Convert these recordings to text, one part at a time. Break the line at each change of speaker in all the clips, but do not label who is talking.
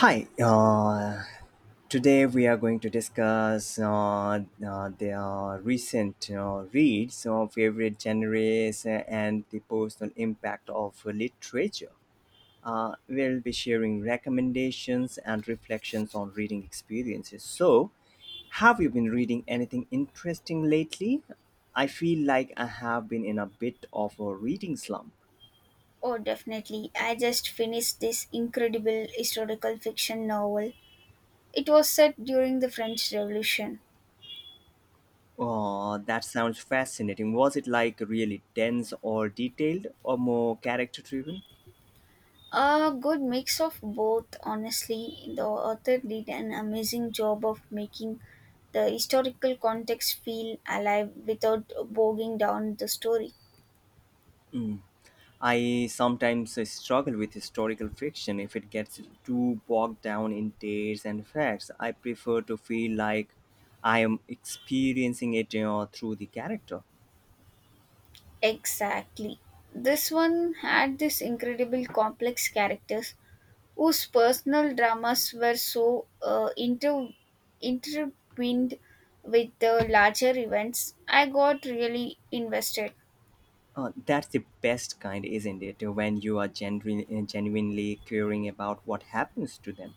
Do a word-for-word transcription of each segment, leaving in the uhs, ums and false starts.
Hi, uh, Today we are going to discuss uh, uh, the uh, recent uh, reads of favorite genres and the personal impact of literature. Uh, we'll be sharing recommendations and reflections on reading experiences. So, have you been reading anything interesting lately? I feel like I have been in a bit of a reading slump.
Oh, definitely. I just finished this incredible historical fiction novel. It was set during the French Revolution.
Oh, that sounds fascinating. Was it like really dense or detailed or more character driven?
A good mix of both, honestly. The author did an amazing job of making the historical context feel alive without bogging down the story.
Mm. I sometimes uh, struggle with historical fiction if it gets too bogged down in dates and facts. I prefer to feel like I am experiencing it you know, through the character.
Exactly. This one had this incredible complex characters whose personal dramas were so uh, inter- intertwined with the larger events, I got really invested.
Uh, that's the best kind, isn't it? When you are genuine, genuinely caring about what happens to them.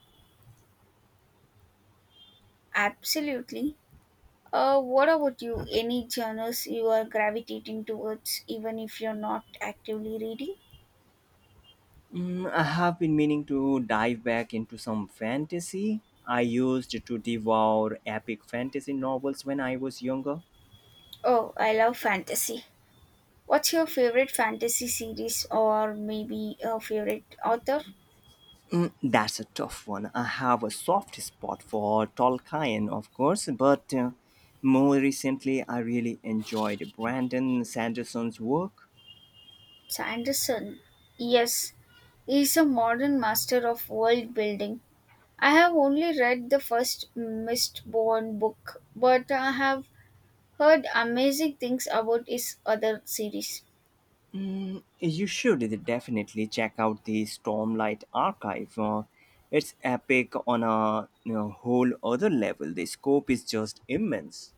Absolutely. Uh, what about you? Any genres you are gravitating towards, even if you're not actively reading?
Mm, I have been meaning to dive back into some fantasy. I used to devour epic fantasy novels when I was younger.
Oh, I love fantasy. What's your favorite fantasy series or maybe a favorite author?
Mm, that's a tough one. I have a soft spot for Tolkien, of course, but uh, more recently I really enjoyed Brandon Sanderson's work.
Sanderson. Yes, he is a modern master of world building. I have only read the first Mistborn book, but I have heard amazing things about his other series.
Mm, you should definitely check out the Stormlight Archive. Uh, it's epic on a you know, whole other level. The scope is just immense.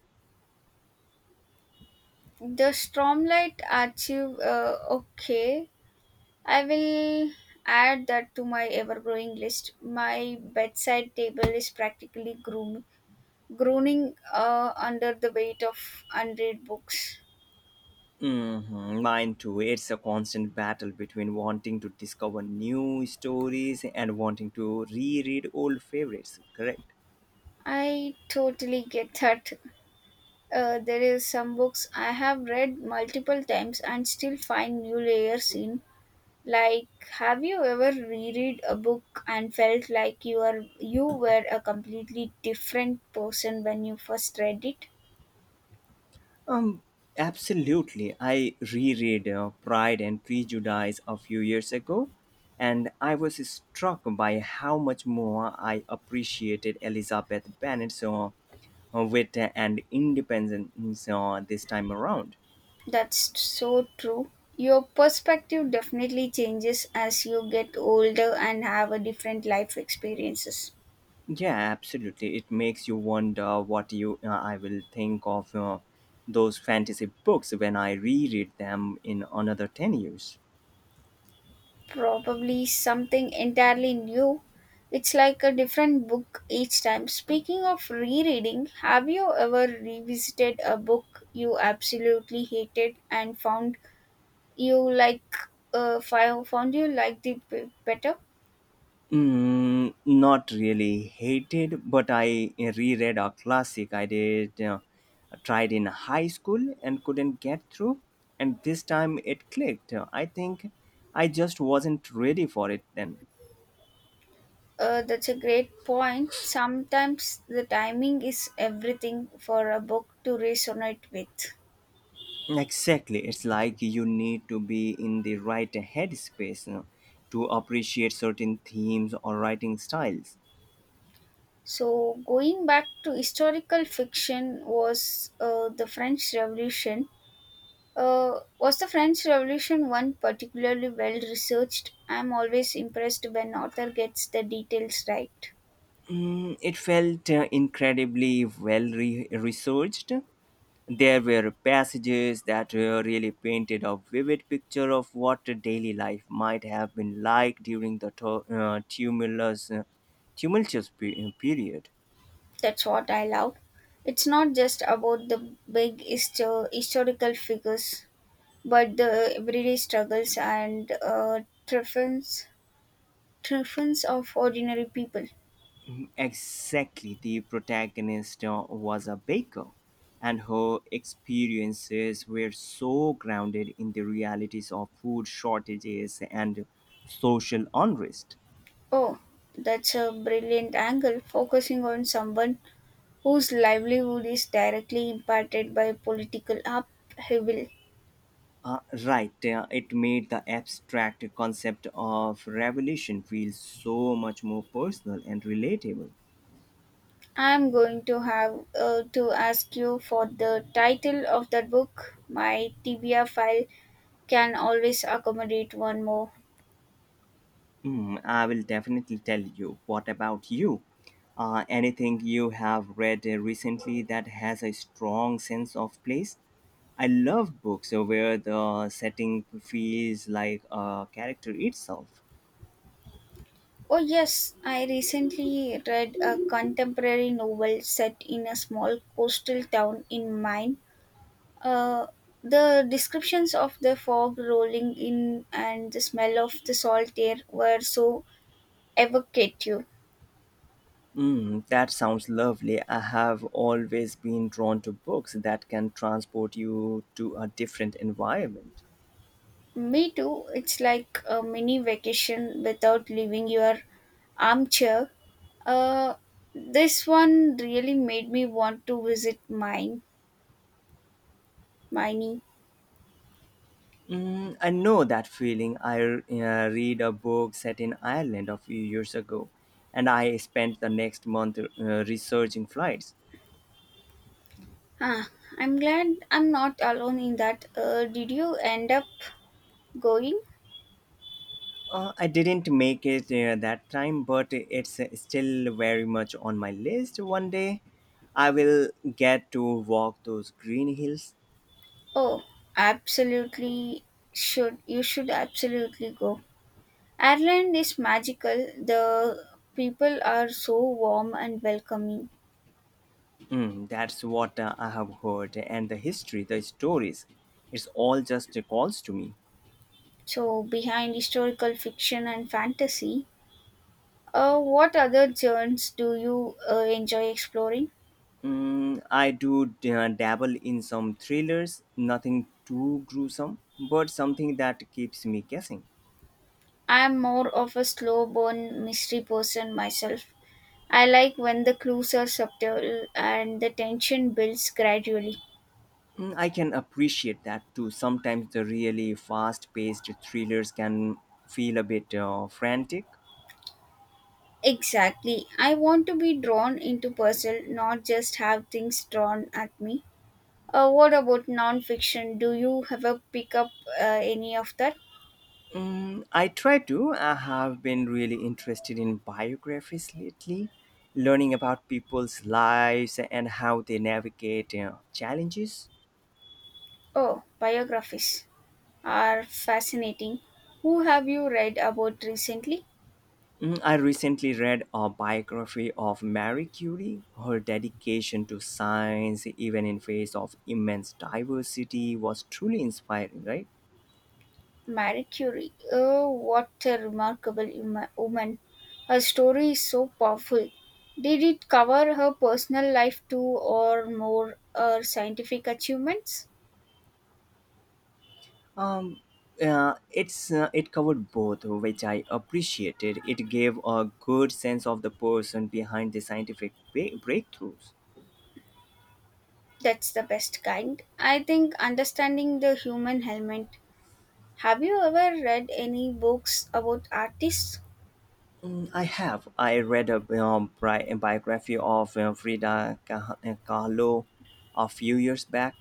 The Stormlight Archive, uh, okay. I will add that to my ever growing list. My bedside table is practically groom- groaning uh, under the weight of unread books.
Hmm, mine too. It's a constant battle between wanting to discover new stories and wanting to reread old favorites. Correct.
I totally get that. Uh, there is some books I have read multiple times and still find new layers in. Like, have you ever reread a book and felt like you are you were a completely different person when you first read it?
Um, Absolutely. I reread uh, Pride and Prejudice a few years ago, and I was struck by how much more I appreciated Elizabeth Bennet's uh, wit and independence uh, this time around.
That's so true. Your perspective definitely changes as you get older and have a different life experiences.
Yeah, absolutely. It makes you wonder what you uh, I will think of uh, those fantasy books when I reread them in another ten years.
Probably something entirely new. It's like a different book each time. Speaking of rereading, have you ever revisited a book you absolutely hated and found you like uh, fi- found you like it b- better?
Mm, not really hated, but I reread a classic I did uh, tried in high school and couldn't get through, and this time it clicked. I think I just wasn't ready for it then.
Uh, that's a great point. Sometimes the timing is everything for a book to resonate with.
Exactly, it's like you need to be in the right headspace uh, to appreciate certain themes or writing styles.
So going back to historical fiction, was uh, the french revolution uh, was the French Revolution one particularly well researched? I'm always impressed when author gets the details right.
Mm, it felt uh, incredibly well re- researched. There were passages that uh, really painted a vivid picture of what daily life might have been like during the tu- uh, tumulus, uh, tumultuous pe- uh, period.
That's what I love. It's not just about the big histo- historical figures, but the everyday struggles and uh, triumphs, triumphs of ordinary people.
Exactly, the protagonist uh, was a baker, and her experiences were so grounded in the realities of food shortages and social unrest.
Oh, that's a brilliant angle, focusing on someone whose livelihood is directly impacted by political upheaval.
Uh, right, uh, it made the abstract concept of revolution feel so much more personal and relatable.
I'm going to have uh, to ask you for the title of that book. My T B R file can always accommodate one more.
Hmm, I will definitely tell you. What about you? Uh, anything you have read uh, recently that has a strong sense of place? I love books uh, where the setting feels like a character itself.
Oh, yes, I recently read a contemporary novel set in a small coastal town in Maine. Uh, the descriptions of the fog rolling in and the smell of the salt air were so evocative.
Mm, that sounds lovely. I have always been drawn to books that can transport you to a different environment.
Me too, it's like a mini vacation without leaving your armchair. Uh, this one really made me want to visit mine, Miney.
Mm, I know that feeling. I uh, read a book set in Ireland a few years ago, and I spent the next month uh, researching flights.
Ah, I'm glad I'm not alone in that. Uh, did you end up going?
Uh, I didn't make it uh, that time, but it's uh, still very much on my list. One day I will get to walk those green hills.
Oh, absolutely should you should absolutely go. Ireland is magical. The people are so warm and welcoming.
Mm, that's what uh, I have heard, and the history, the stories, it's all just calls to me.
So behind historical fiction and fantasy, uh, what other genres do you uh, enjoy exploring?
Mm, I do d- uh, dabble in some thrillers, nothing too gruesome, but something that keeps me guessing.
I'm more of a slow burn mystery person myself. I like when the clues are subtle and the tension builds gradually.
Mm, I can appreciate that too. Sometimes the really fast paced thrillers can feel a bit uh, frantic.
Exactly. I want to be drawn into puzzle, not just have things drawn at me. Uh, what about non-fiction? Do you ever pick up uh, any of that?
Mm, I try to. I have been really interested in biographies lately, learning about people's lives and how they navigate uh, challenges.
Oh, biographies are fascinating. Who have you read about recently?
Mm, I recently read a biography of Marie Curie. Her dedication to science, even in face of immense diversity, was truly inspiring, right?
Marie Curie. Oh, what a remarkable uma- woman. Her story is so powerful. Did it cover her personal life too, or more her scientific achievements?
Um, uh, it's uh, it covered both, which I appreciated. It gave a good sense of the person behind the scientific ba- breakthroughs.
That's the best kind. I think understanding the human element. Have you ever read any books about artists?
Mm, I have. I read a um, bi- biography of uh, Frida Kah- uh, Kahlo a few years back,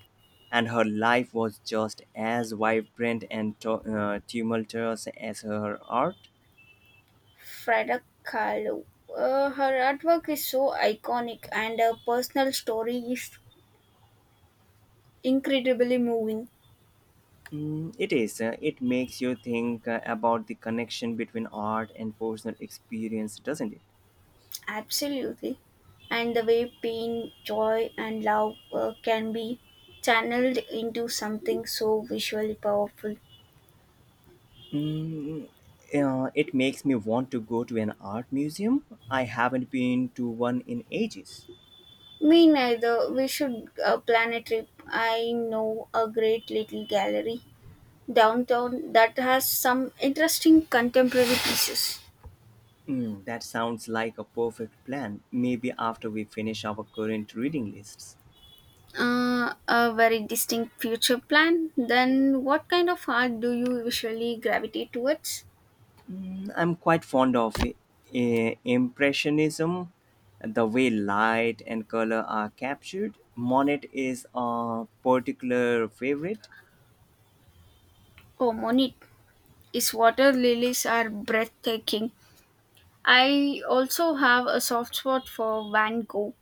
and her life was just as vibrant and tu- uh, tumultuous as her art.
Frida Kahlo. Uh, her artwork is so iconic, and her personal story is incredibly moving.
Mm, it is. Uh, it makes you think uh, about the connection between art and personal experience, doesn't it?
Absolutely. And the way pain, joy, and love uh, can be channeled into something so visually powerful.
Mm, uh, it makes me want to go to an art museum. I haven't been to one in ages.
Me neither. We should uh, plan a trip. I know a great little gallery downtown that has some interesting contemporary pieces.
Mm, that sounds like a perfect plan. Maybe after we finish our current reading lists.
Uh, a very distinct future plan. Then, what kind of art do you usually gravitate towards?
Mm, I'm quite fond of eh, Impressionism, the way light and color are captured. Monet is a particular favorite.
Oh, Monit, his water lilies are breathtaking. I also have a soft spot for Van Gogh.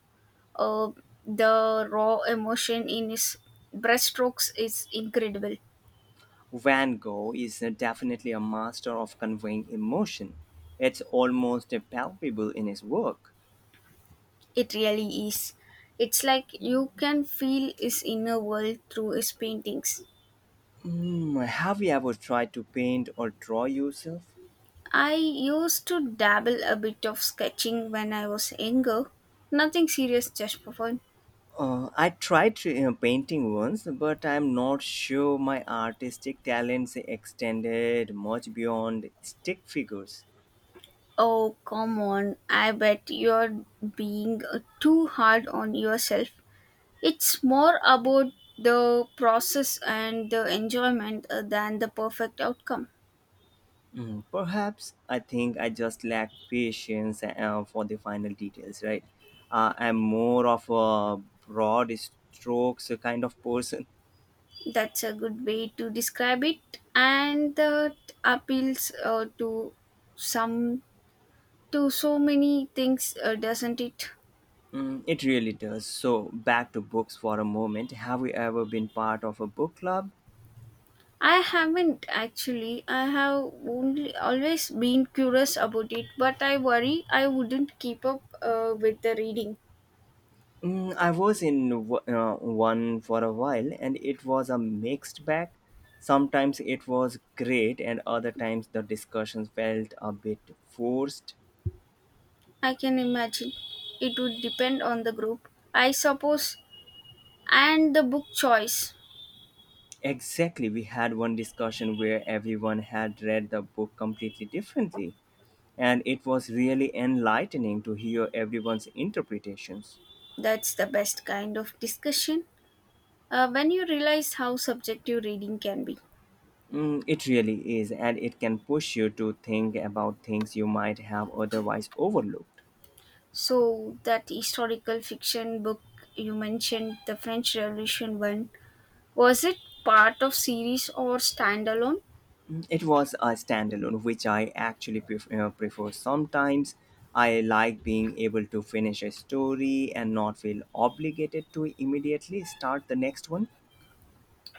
Uh, the raw emotion in his brushstrokes is incredible.
Van Gogh is uh, definitely a master of conveying emotion. It's almost uh, palpable in his work.
It really is. It's like you can feel his inner world through his paintings.
Mm, have you ever tried to paint or draw yourself?
I used to dabble a bit of sketching when I was younger. Nothing serious, just for fun.
Uh, I tried to, uh, painting once, but I'm not sure my artistic talents extended much beyond stick figures.
Oh, come on. I bet you're being uh, too hard on yourself. It's more about the process and the enjoyment uh, than the perfect outcome.
Mm, perhaps I think I just lack patience uh, for the final details, right? Uh, I'm more of a broad strokes kind of person.
That's a good way to describe it, and that appeals uh, to some to so many things, uh, doesn't it?
Mm, it really does. So, back to books for a moment. Have you ever been part of a book club?
I haven't actually. I have only always been curious about it, but I worry I wouldn't keep up uh, with the reading.
Mm, I was in w- uh, one for a while and it was a mixed bag. Sometimes it was great, and other times the discussions felt a bit forced.
I can imagine. It would depend on the group, I suppose, and the book choice.
Exactly, we had one discussion where everyone had read the book completely differently, and it was really enlightening to hear everyone's interpretations.
That's the best kind of discussion uh, when you realize how subjective reading can be.
Mm, it really is, and it can push you to think about things you might have otherwise overlooked.
So, that historical fiction book you mentioned, the French Revolution one, was it part of series or standalone?
Mm, it was a standalone, which I actually pref- uh, prefer sometimes. I like being able to finish a story and not feel obligated to immediately start the next one.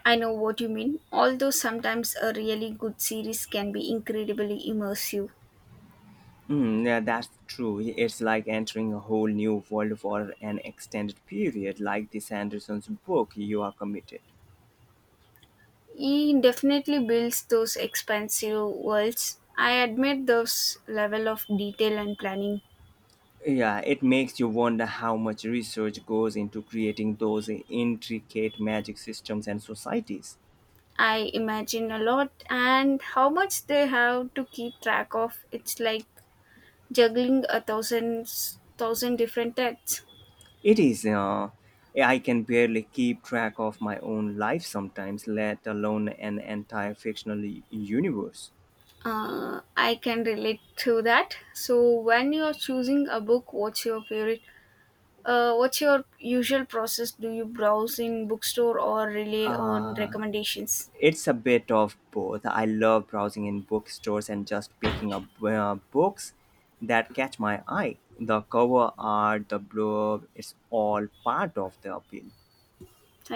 I know what you mean. Although sometimes a really good series can be incredibly immersive.
Mm, yeah, that's true. It's like entering a whole new world for an extended period, like this Anderson's book. You are committed.
He definitely builds those expansive worlds. I admit those level of detail and planning.
Yeah, it makes you wonder how much research goes into creating those intricate magic systems and societies.
I imagine a lot, and how much they have to keep track of. It's like juggling a thousand thousand different texts.
It is, uh, I can barely keep track of my own life sometimes, let alone an entire fictional u- universe.
Uh, I can relate to that. So when you're choosing a book, what's your favorite? Uh, what's your usual process? Do you browse in bookstore or rely on
Uh,
recommendations?
it's a bit of both. I love browsing in bookstores and just picking up uh, books that catch my eye. The cover art, the blurb, it's all part of the appeal.
Thank